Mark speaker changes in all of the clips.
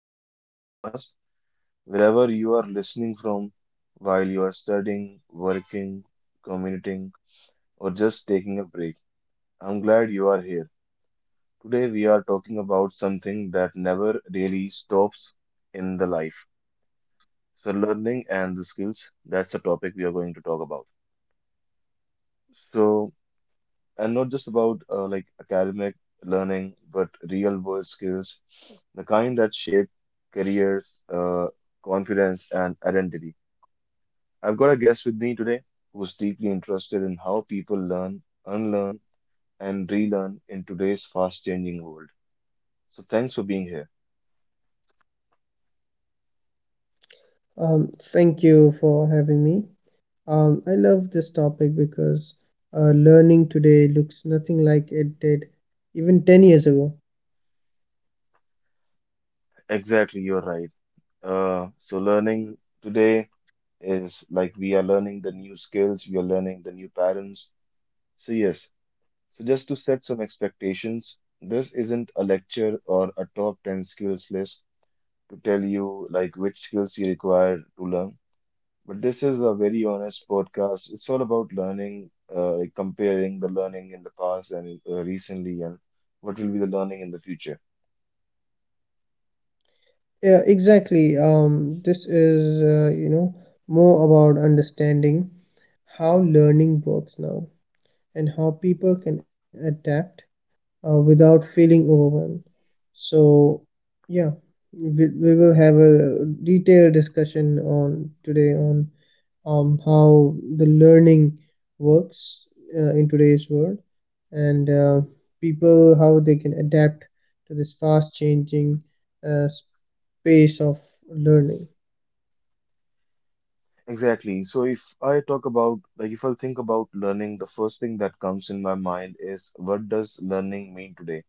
Speaker 1: back to the podcast. Wherever you are listening from, while you are studying, working, commuting, or just taking a break, I'm glad you are here. Today, we are talking about something that never really stops in the life. So, learning and the skills, that's the topic we are going to talk about. So, and not just about like academic learning, but real world skills, the kind that shape careers, confidence, and identity. I've got a guest with me today who's deeply interested in how people learn, unlearn, and relearn in today's fast changing world. So thanks for being here.
Speaker 2: Thank you for having me. I love this topic because learning today looks nothing like it did even 10 years ago.
Speaker 1: Exactly, you're right. So learning today is like we are learning the new skills, we are learning the new patterns. So yes, so, just to set some expectations, this isn't a lecture or a top 10 skills list to tell you like which skills you require to learn. But this is a very honest podcast. It's all about learning, like comparing the learning in the past and recently, and what will be the learning in the future.
Speaker 2: Yeah, exactly. You know, more about understanding how learning works now and how people can adapt without feeling overwhelmed. So, yeah, we will have a detailed discussion on today on how the learning works in today's world, and people, how they can adapt to this fast changing space of learning.
Speaker 1: Exactly. So if I talk about, like, if I think about learning, the first thing that comes in my mind is what does learning mean today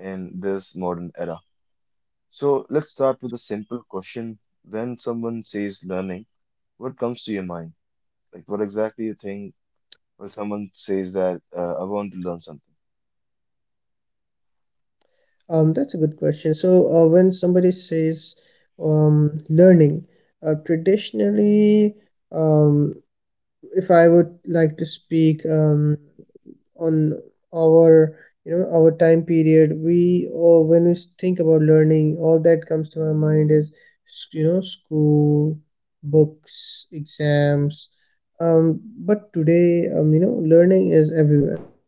Speaker 1: in this modern era? So let's start with a simple question. When someone says learning, what comes to your mind? Like what exactly you think when someone says that I want to learn something?
Speaker 2: That's a good question. So when somebody says, learning, traditionally, um, if I would like to speak, on our, you know, our time period, we, or when we think about learning, all that comes to my mind is, you know, school, books, exams. But today, you know, learning is everywhere.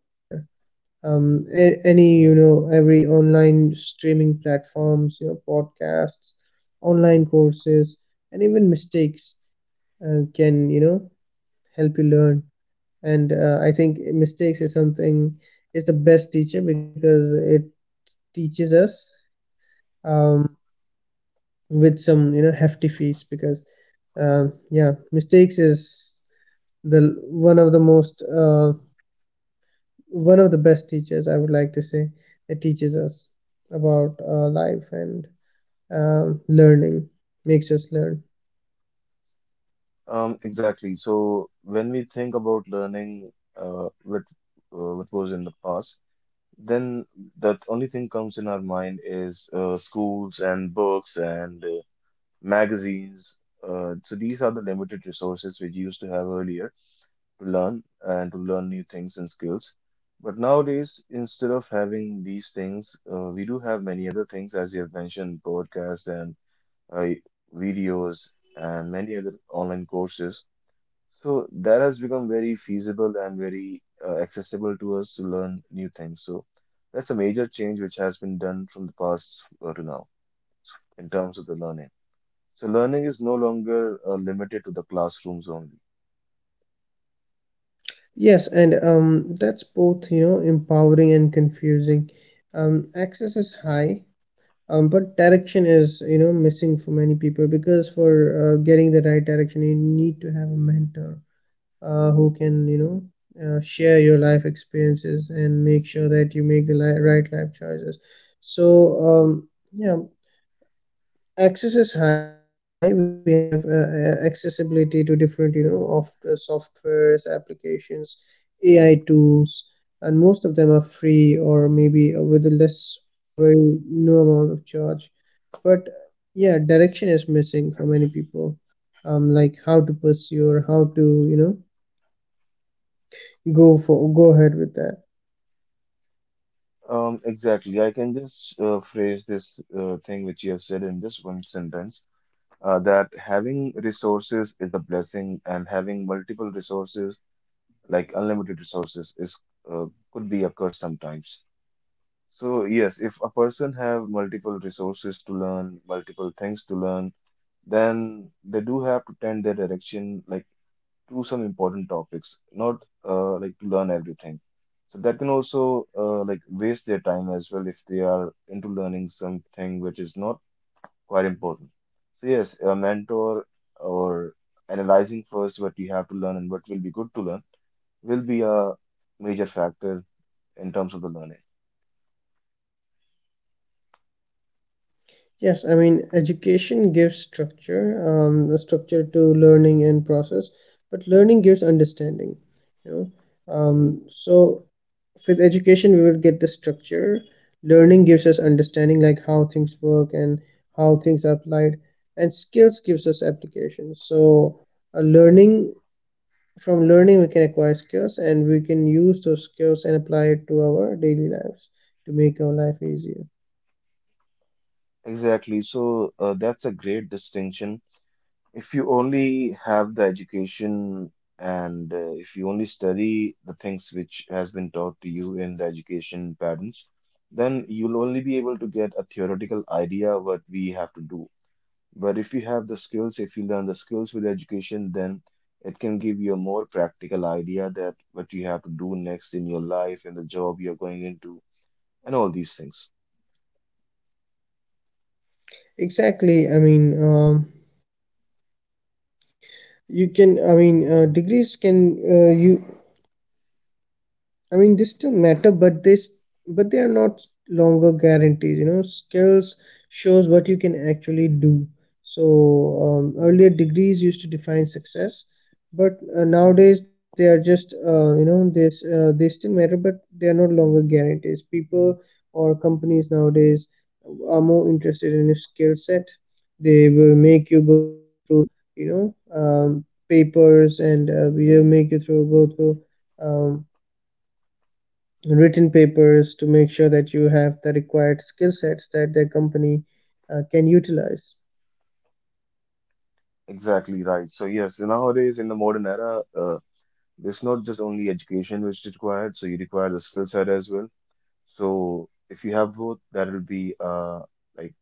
Speaker 2: Any, you know, every online streaming platforms, you know, podcasts, online courses, and even mistakes can, you know, help you learn. And I think mistakes is something, is the best teacher, because it teaches us, um, with some, you know, hefty fees. Because yeah, mistakes is the one of the most one of the best teachers, I would like to say. It teaches us about life, and learning makes us learn.
Speaker 1: Exactly. So when we think about learning, what was in the past, then that only thing comes in our mind is schools and books and magazines. So these are the limited resources we used to have earlier to learn and to learn new things and skills. But nowadays, instead of having these things, we do have many other things, as you have mentioned, podcasts and uh, videos and many other online courses. So that has become very feasible and very accessible to us to learn new things. So that's a major change which has been done from the past to now in terms of the learning. So learning is no longer limited to the classrooms only.
Speaker 2: Yes, and that's both, you know, empowering and confusing. Access is high, but direction is, you know, missing for many people, because for getting the right direction, you need to have a mentor who can, you know, share your life experiences and make sure that you make the right life choices. So, um, yeah, access is high. We have accessibility to different, you know, of softwares, applications, AI tools, and most of them are free or maybe with a less or very no amount of charge. But yeah, direction is missing for many people, um, like how to pursue, or how to, you know, go ahead with that.
Speaker 1: Exactly. I can just phrase this thing which you have said in this one sentence, that having resources is a blessing, and having multiple resources, like unlimited resources, is, uh, could be a curse sometimes. So yes, if a person have multiple resources to learn, multiple things to learn, then they do have to tend their direction, like to some important topics, not like to learn everything. So that can also like waste their time as well if they are into learning something which is not quite important. So yes, a mentor or analyzing first what you have to learn and what will be good to learn will be a major factor in terms of the learning.
Speaker 2: Yes, I mean, education gives structure, the structure to learning and process, but learning gives understanding, you know. So with education, we will get the structure. Learning gives us understanding, like how things work and how things are applied, and skills gives us application. So a learning from learning, we can acquire skills, and we can use those skills and apply it to our daily lives to make our life easier.
Speaker 1: Exactly. So that's a great distinction. If you only have the education and if you only study the things which has been taught to you in the education patterns, then you'll only be able to get a theoretical idea what we have to do. But if you have the skills, if you learn the skills with education, then it can give you a more practical idea that what you have to do next in your life, in the job you're going into, and all these things.
Speaker 2: Exactly. I mean, you can I mean degrees can you I mean, they still matter, but they are not longer guarantees. You know, skills shows what you can actually do. So earlier degrees used to define success, but nowadays they are just, you know this they still matter, but they are no longer guarantees. People or companies nowadays are more interested in your skill set. They will make you go through, you know, papers, and will make you through go through. Um, written papers to make sure that you have the required skill sets that their company can utilize.
Speaker 1: Exactly right. So yes, nowadays in the modern era, it's not just only education which is required, so you require the skill set as well. So if you have both, that will be uh, like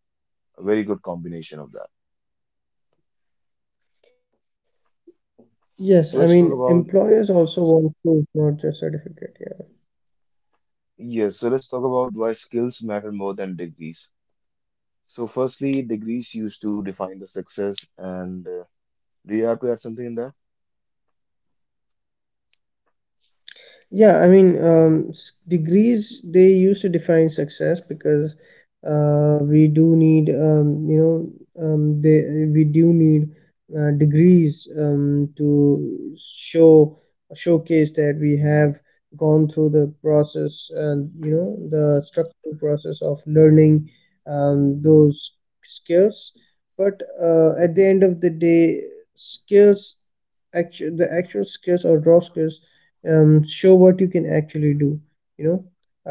Speaker 1: a very good combination of that.
Speaker 2: Yes,
Speaker 1: So
Speaker 2: I
Speaker 1: let's talk
Speaker 2: mean,
Speaker 1: about,
Speaker 2: employers also want proof, not just certificate. Yeah.
Speaker 1: yes, so let's talk about why skills matter more than degrees. So firstly, degrees used to define the success and do you have to add something in there?
Speaker 2: Yeah, I mean, degrees, they used to define success because we do need, you know, they, we do need degrees to showcase that we have gone through the process, and you know, the structural process of learning those skills. But at the end of the day, skills, the actual skills or raw skills, show what you can actually do, you know.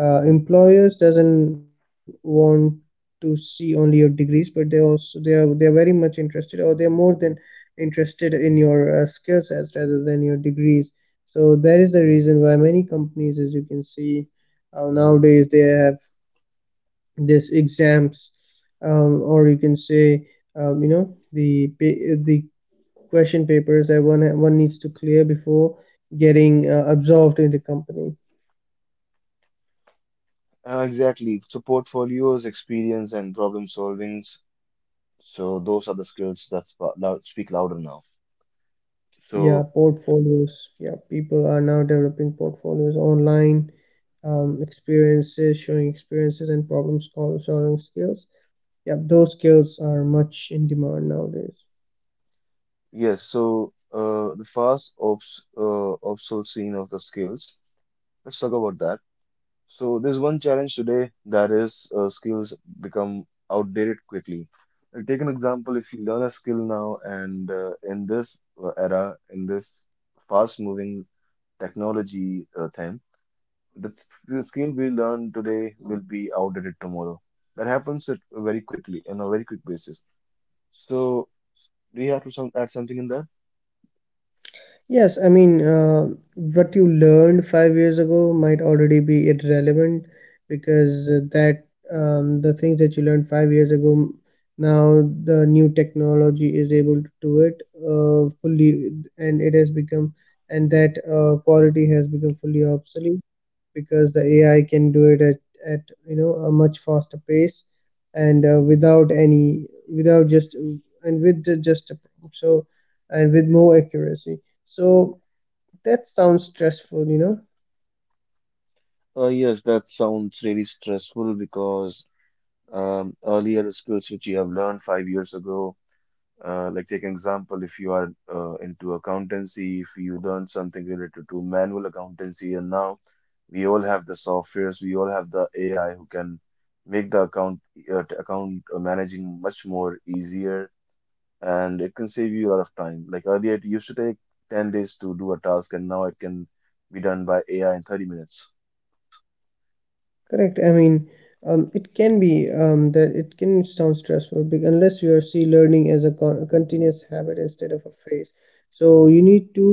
Speaker 2: Employers doesn't want to see only your degrees, but they are very much interested, or they are more than interested in your skill sets rather than your degrees. So that is the reason why many companies, as you can see, nowadays they have this exams, or you can say, you know, the the question papers that one needs to clear before getting absorbed in the company.
Speaker 1: Exactly. So portfolios, experience, and problem solvings. So those are the skills that speak louder now.
Speaker 2: Yeah,
Speaker 1: So
Speaker 2: portfolios. Yeah, people are now developing portfolios online, experiences, showing experiences, and solving skills. Yeah, those skills are much in demand nowadays.
Speaker 1: yes, so the fast obsolescence of the skills. Let's talk about that. So there's one challenge today that is skills become outdated quickly. Take an example. If you learn a skill now, and in this era, in this fast-moving technology time, the skill we learn today will be outdated tomorrow. That happens at very quickly on a very quick basis. So do you have to some add something in that?
Speaker 2: Yes, I mean, what you learned 5 years ago might already be irrelevant, because that the things that you learned 5 years ago, now the new technology is able to do it fully, and it has become, and that quality has become fully obsolete, because the AI can do it at, you know, a much faster pace, and without any without just and with the, just a prompt, so, and with more accuracy. So that sounds stressful, you know.
Speaker 1: Yes, that sounds really stressful because earlier the skills which you have learned 5 years ago, like take an example, if you are into accountancy, if you learn something related to manual accountancy, and now we all have the softwares, we all have the AI who can make the account managing much more easier, and it can save you a lot of time. Like earlier, it used to take 10 days to do a task, and now it can be done by AI in 30 minutes.
Speaker 2: Correct, I mean, it can be, that it can sound stressful, unless you are see learning as a, a continuous habit instead of a phase. So you need to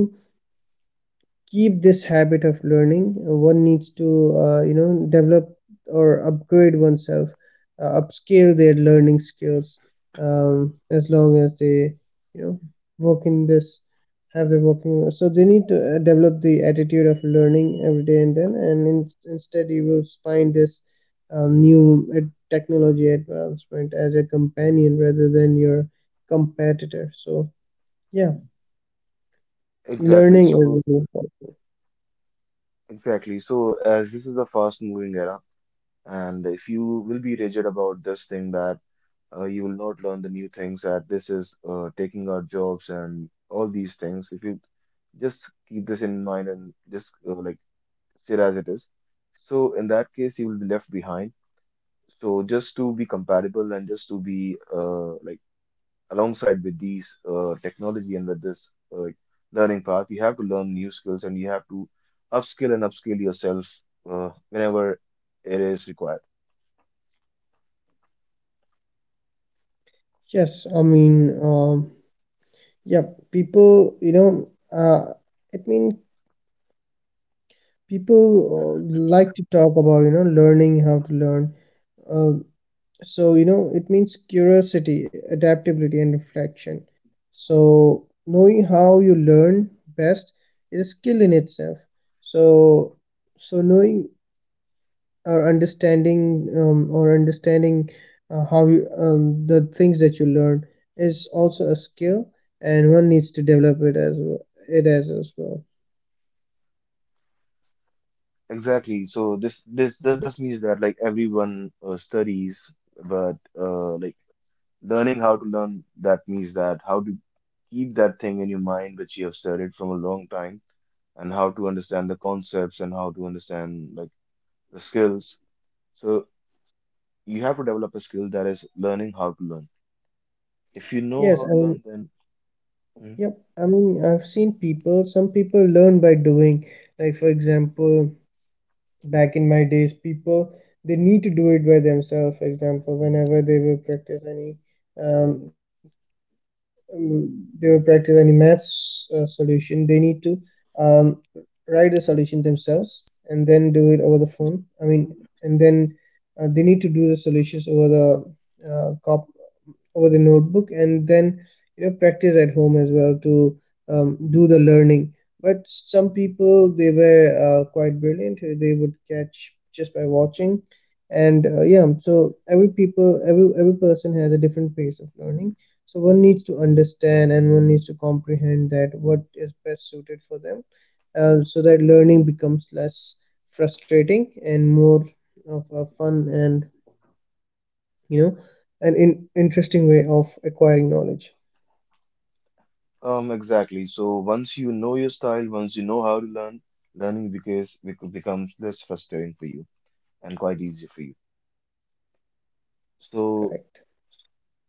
Speaker 2: keep this habit of learning. One needs to, you know, develop or upgrade oneself, upscale their learning skills, as long as they, you know, work in this, have their working. So they need to develop the attitude of learning every day. And instead you will find this new technology advancement as a companion rather than your competitor. So yeah,
Speaker 1: Exactly.
Speaker 2: learning is
Speaker 1: So
Speaker 2: really important.
Speaker 1: Exactly. So, as this is a fast-moving era, and if you will be rigid about this thing that you will not learn the new things, that this is taking our jobs and all these things, if you just keep this in mind and just like sit as it is. So, in that case, you will be left behind. So, just to be compatible and just to be like alongside with these technology and with this uh, learning path, you have to learn new skills and you have to upskill and upskill yourself whenever it is required.
Speaker 2: Yes, I mean, yeah, people, you know, uh, I mean, people like to talk about, you know, learning how to learn. Uh, so, you know, it means curiosity, adaptability, and reflection. So, knowing how you learn best is a skill in itself. So, so knowing or understanding how you, the things that you learn is also a skill, and one needs to develop it as well. it as as well
Speaker 1: Exactly. So this means that like everyone studies, but like learning how to learn, that means that how to keep that thing in your mind which you have studied from a long time and how to understand the concepts and how to understand like the skills. So you have to develop a skill that is learning how to learn. If you know
Speaker 2: yes,
Speaker 1: how to
Speaker 2: I
Speaker 1: learn,
Speaker 2: mean,
Speaker 1: then, mhm,
Speaker 2: yep, I mean, I've seen people, some people learn by doing. Like for example, back in my days, people, they need to do it by themselves. For example, whenever they will um, practice any maths solution, they need to um, write the solution themselves and then do it over the phone, I mean, and then they need to do the solutions over the cop over the notebook, and then, you know, practice at home as well to do the learning. But some people, they were quite brilliant. They would catch just by watching, and yeah. So every people, every person has a different pace of learning. So one needs to understand and one needs to comprehend that what is best suited for them, so that learning becomes less frustrating and more of a fun and, you know, an interesting way of acquiring knowledge.
Speaker 1: um, exactly. So once you know your style, once you know how to learn, learning because becomes less frustrating for you and quite easy for you.
Speaker 2: Correct.
Speaker 1: So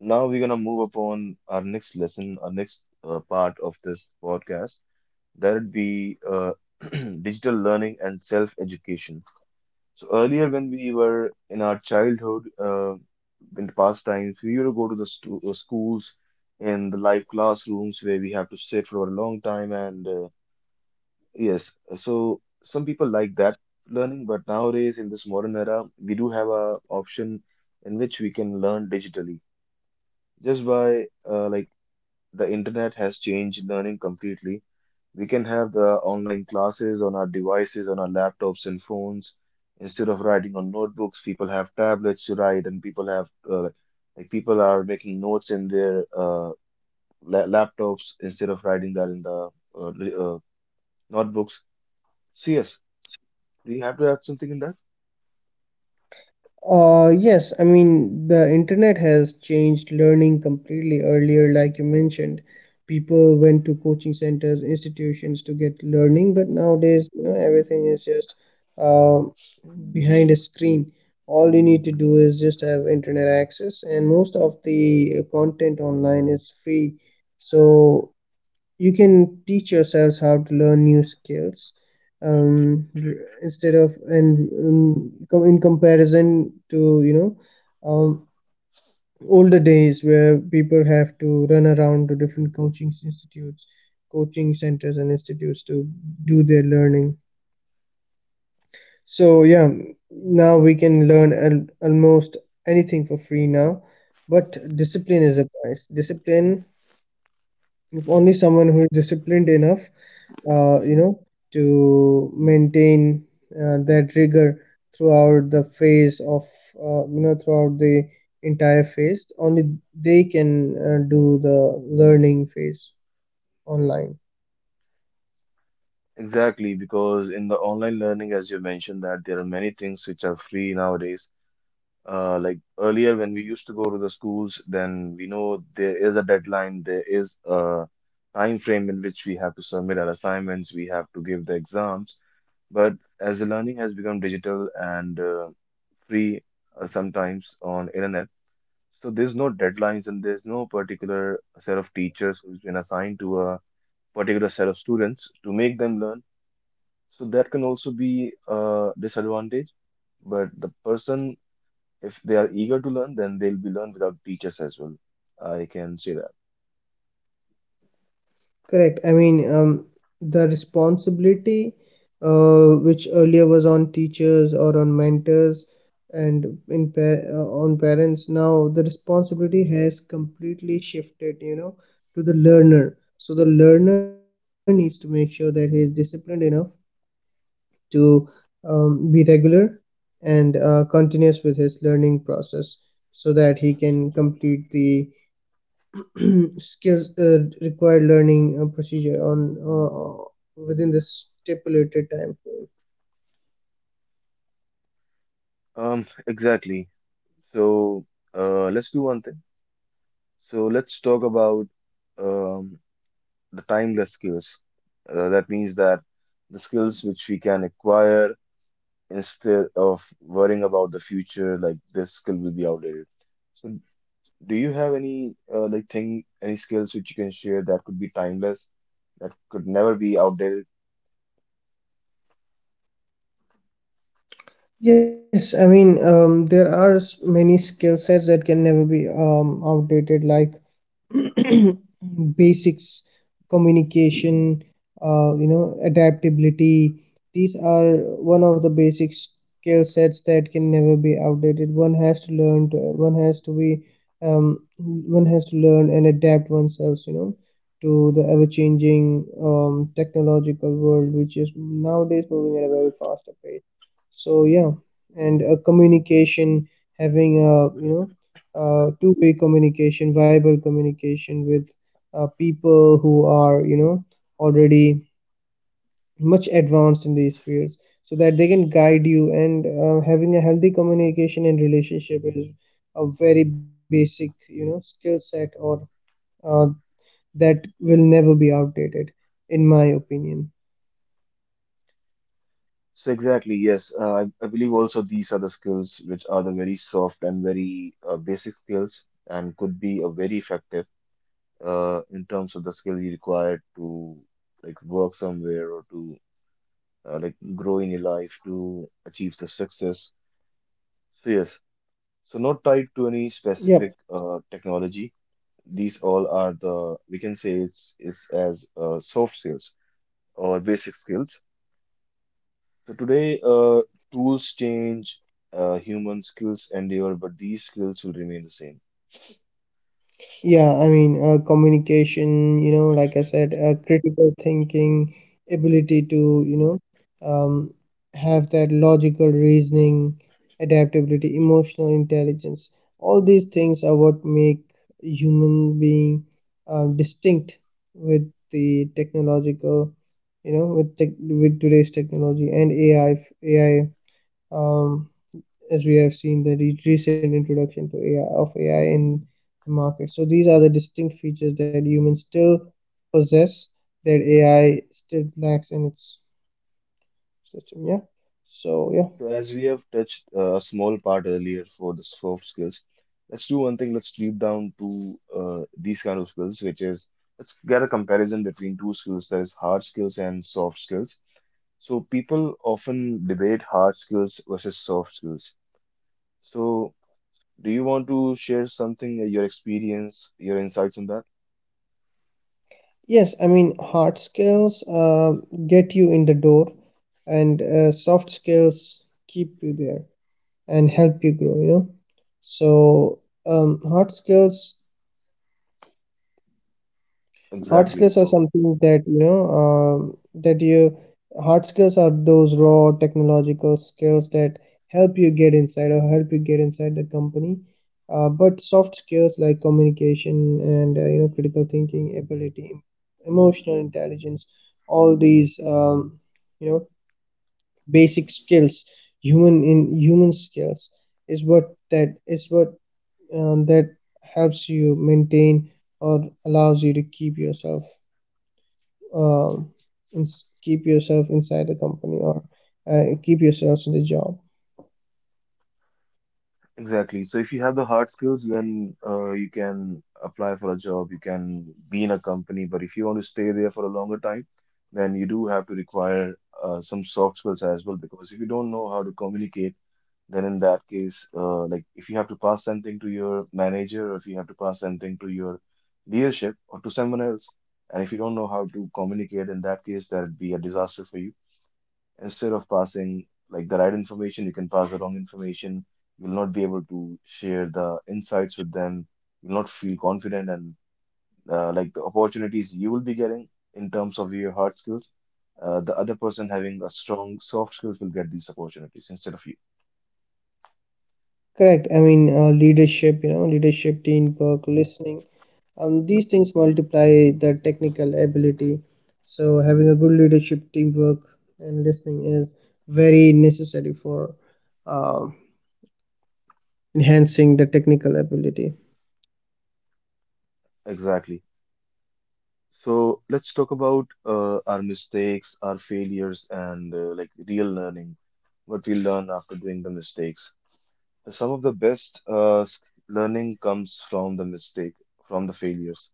Speaker 1: now we're gonna move upon our next lesson, our next part of this podcast. That would be digital learning and self-education. So earlier, when we were in our childhood, in the past times, we would go to the stu schools in the live classrooms where we have to sit for a long time. And yes, so some people like that learning, but nowadays in this modern era, we do have a option in which we can learn digitally just by like, the internet has changed learning completely. We can have the online classes on our devices, on our laptops and phones. Instead of writing on notebooks, people have tablets to write, and people have like people are making notes in their laptops instead of writing that in the uh, li- uh, notebooks. So yes, we have to add something in that.
Speaker 2: Yes, I mean, the internet has changed learning completely. Earlier, like you mentioned, people went to coaching centers, institutions to get learning, but nowadays, you know, everything is just uh, behind a screen. All you need to do is just have internet access, and most of the content online is free. So you can teach yourselves how to learn new skills, r- instead of and com- in comparison to, you know, um, older days where people have to run around to different coaching centers and institutes to do their learning. So yeah, now we can learn almost anything for free now. But discipline is a price. Discipline If only someone who is disciplined enough, you know, to maintain that rigor throughout the phase of, you know throughout the entire phase only, they can do the learning phase online.
Speaker 1: Exactly, because in the online learning, as you mentioned, that there are many things which are free nowadays. Like earlier when we used to go to the schools, then we know there is a deadline, there is a time frame in which we have to submit our assignments, we have to give the exams. But as the learning has become digital and free sometimes on internet, so there's no deadlines and there's no particular set of teachers who's been assigned to a particular set of students to make them learn. So that can also be a disadvantage. But the person, if they are eager to learn, then they'll be learned without teachers as well. I can say that.
Speaker 2: Correct. I mean, the responsibility which earlier was on teachers or on mentors and on parents, now the responsibility has completely shifted, you know, to the learner. So the learner needs to make sure that he is disciplined enough to be regular and continuous with his learning process, so that he can complete the skills required learning procedure on within the stipulated time frame.
Speaker 1: Exactly. So, let's do one thing. So let's talk about um, the timeless skills. That means that the skills which we can acquire instead of worrying about the future, like this skill will be outdated. So, do you have any like thing, any skills which you can share that could be timeless, that could never be outdated?
Speaker 2: Yes, I mean, there are many skill sets that can never be outdated, like basics, communication, you know, adaptability. These are one of the basic skill sets that can never be outdated. One has to be, one has to learn and adapt oneself, you know, to the ever changing technological world, which is nowadays moving at a very faster pace. So yeah. And communication, having a, you know, two-way communication, viable communication with people who are, you know, already much advanced in these fields so that they can guide you. And having a healthy communication and relationship is a very basic, you know, skill set or uh, that will never be outdated, in my opinion.
Speaker 1: So exactly, yes. I believe also these are the skills which are the very soft and very basic skills and could be a very effective in terms of the skill you require to like work somewhere or to like grow in your life to achieve the success. So yes, so not tied
Speaker 2: Yep.
Speaker 1: to any specific technology. These all are the, we can say it's as soft skills or basic skills. So today, tools change, human skills endure, but these skills will remain the same.
Speaker 2: Yeah, I mean, communication, you know, like I said, critical thinking, ability to, you know, um, have that logical reasoning, adaptability, emotional intelligence. All these things are what make human being distinct with the technological, you know, with today's technology and AI, AI, um, as we have seen the recent introduction to AI in the market. So these are the distinct features that humans still possess that AI still lacks in its system. Yeah. So yeah.
Speaker 1: So as we have touched a small part earlier for the soft skills, let's do one thing. Let's deep down to these kind of skills, which is let's get a comparison between two skills, that is hard skills and soft skills. So people often debate hard skills versus soft skills. So do you want to share something, your experience, your insights on that?
Speaker 2: Yes, I mean hard skills get you in the door, and soft skills keep you there and help you grow. You know. So um, hard skills Hard skills
Speaker 1: Exactly.
Speaker 2: are
Speaker 1: So
Speaker 2: something that you know that you hard skills are those raw technological skills that help you get inside the company. But soft skills like communication and you know critical thinking ability, emotional intelligence, all these you know basic skills, human skills is what that helps you maintain or allows you to keep yourself uh, keep yourself inside the company or keep yourselves in the job.
Speaker 1: Exactly. So if you have the hard skills, then you can apply for a job, you can be in a company. But if you want to stay there for a longer time, then you do have to require some soft skills as well. Because if you don't know how to communicate, then in that case, like if you have to pass something to your manager, or if you have to pass something to your leadership or to someone else, and if you don't know how to communicate, in that case, that'd be a disaster for you instead of passing like the right information, you can pass the wrong information. You'll not be able to share the insights with them. You'll not feel confident, and like the opportunities you will be getting in terms of your hard skills, the other person having a strong soft skills will get these opportunities instead of you.
Speaker 2: Correct. I mean, leadership, you know, leadership, teamwork, listening. These things multiply the technical ability. So having a good leadership, teamwork, and listening is very necessary for um enhancing the technical ability.
Speaker 1: Exactly. So let's talk about our mistakes, our failures, and like real learning, what we learn after doing the mistakes. Some of the best learning comes from the mistake, from the failures.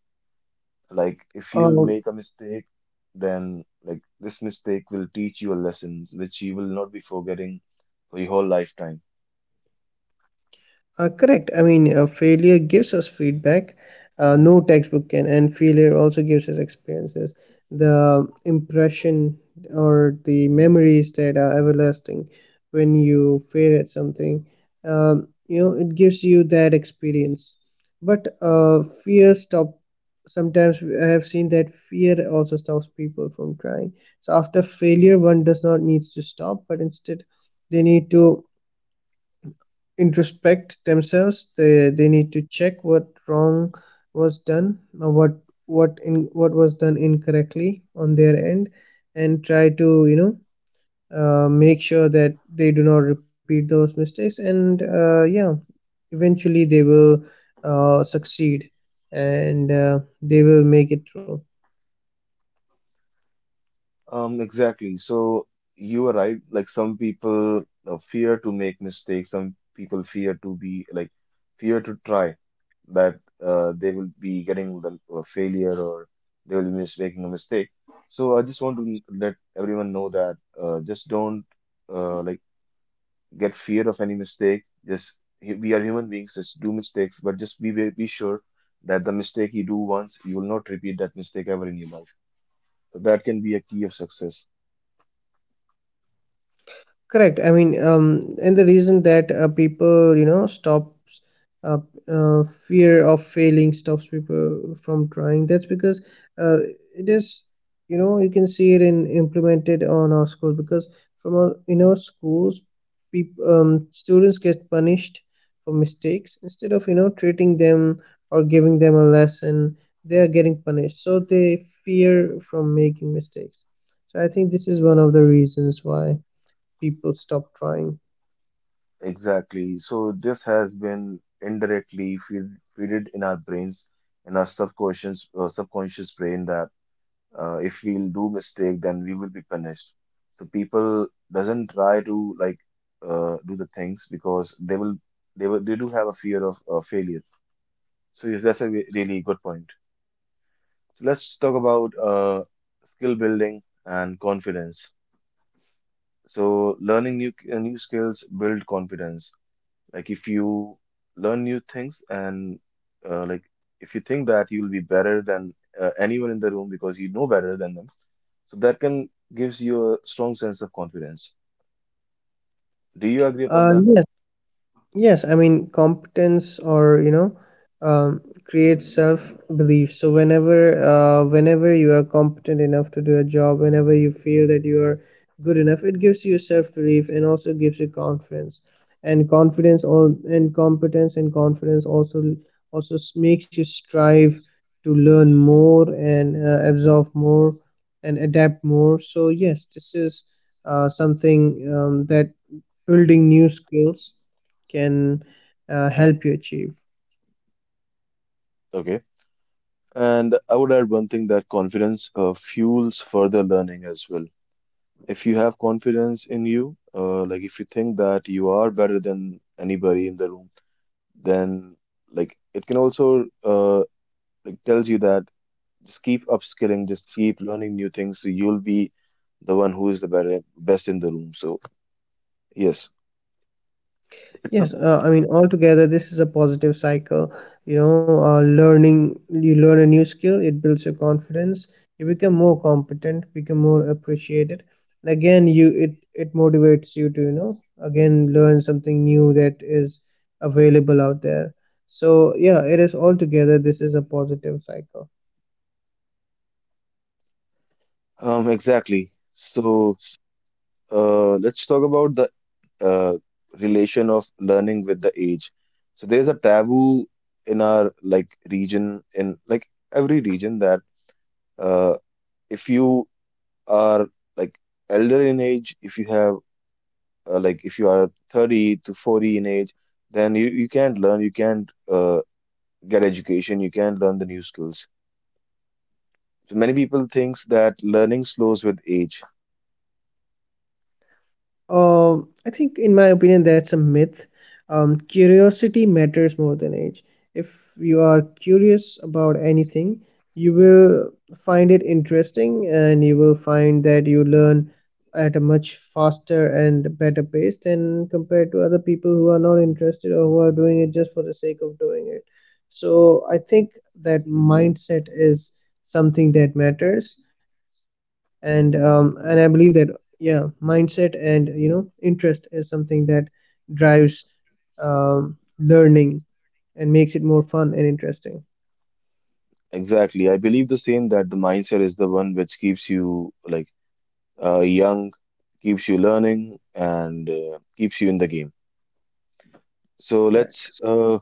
Speaker 1: Like if you'll
Speaker 2: Um,
Speaker 1: make a mistake, then like this mistake will teach you a lesson which you will not be forgetting for your whole lifetime.
Speaker 2: Correct. I mean, failure gives us feedback. No textbook can, and failure also gives us experiences, the impression or the memories that are everlasting when you fail at something. You know, it gives you that experience. But fear stop. Sometimes I have seen that fear also stops people from trying. So after failure, one does not need to stop, but instead they need to introspect themselves they need to check what wrong was done or what was done incorrectly on their end and try to, you know, make sure that they do not repeat those mistakes. And yeah, eventually they will succeed, and they will make it through.
Speaker 1: Exactly. So you are right. Like some people fear to make mistakes. Some people fear to be like fear to try that they will be getting the a failure or they will be mis making a mistake. So I just want to let everyone know that just don't like get fear of any mistake. Just we are human beings. Just do mistakes, but just be be sure that the mistake you do once, you will not repeat that mistake ever in your life. So that can be a key of success.
Speaker 2: Correct. I mean, and the reason that people, you know, stops, uh, fear of failing stops people from trying. That's because uh, it is, you know, you can see it in implemented on our schools because in our schools, people, students get punished for mistakes instead of, you know, treating them or giving them a lesson. They are getting punished, so they fear from making mistakes. So I think this is one of the reasons why people stop trying.
Speaker 1: Exactly. So this has been indirectly feeded in our brains, in our subconscious subconscious brain that if we'll do mistake, then we will be punished. So people doesn't try to like do the things because they will they will they do have a fear of failure. So yes, that's a really good point. So let's talk about skill building and confidence. So learning new new skills build confidence. Like if you learn new things and like if you think that you'll be better than anyone in the room because you know better than them, so that can gives you a strong sense of confidence. Do you agree
Speaker 2: Uh,
Speaker 1: upon that?
Speaker 2: yes, Yes, I mean competence or you know creates self belief. So whenever whenever you are competent enough to do a job, whenever you feel that you are good enough, it gives you self belief and also gives you confidence. And confidence all and competence and confidence also makes you strive to learn more and absorb more and adapt more. So yes, this is something that building new skills can help you achieve.
Speaker 1: Okay. And I would add one thing that confidence fuels further learning as well. If you have confidence in you, like if you think that you are better than anybody in the room, then like it can also like tells you that just keep upskilling, just keep learning new things. So you'll be the one who is the better, best in the room. So yes,
Speaker 2: Yes,
Speaker 1: it's up.
Speaker 2: I mean, altogether, this is a positive cycle. You know, learning, you learn a new skill, it builds your confidence, you become more competent, become more appreciated. And again, it motivates you to, you know, again, learn something new that is available out there. So, yeah, it is altogether, this is a positive cycle.
Speaker 1: Exactly. So let's talk about the uh, relation of learning with the age. So there's a taboo in our like region, in like every region that uh, if you are like elder in age, if you have like if you are 30 to 40 in age, then you can't learn, you can't get education, you can learn the new skills. So many people thinks that learning slows with age.
Speaker 2: I think, in my opinion, that's a myth. Curiosity matters more than age. If you are curious about anything, you will find it interesting and you will find that you learn at a much faster and better pace than compared to other people who are not interested or who are doing it just for the sake of doing it. So I think that mindset is something that matters, and I believe that yeah mindset and you know interest is something that drives learning and makes it more fun and interesting.
Speaker 1: Exactly. I believe the same that the mindset is the one which keeps you like young, keeps you learning, and keeps you in the game. So
Speaker 2: Correct.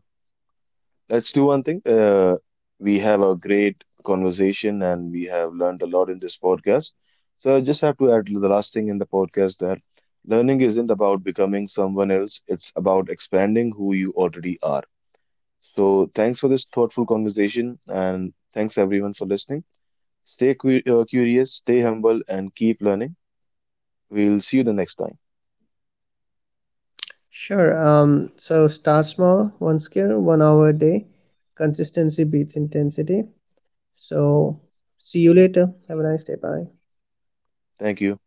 Speaker 1: let's do one thing. We have a great conversation and we have learned a lot in this podcast. So I just have to add the last thing in the podcast that learning isn't about becoming someone else. It's about expanding who you already are. So, thanks for this thoughtful conversation, and thanks everyone for listening. Stay curious, stay humble, and keep learning. We'll see you the next time.
Speaker 2: Sure. So start small, one skill, 1 hour a day. Consistency beats intensity. So see you later, have a nice day, bye.
Speaker 1: Thank you.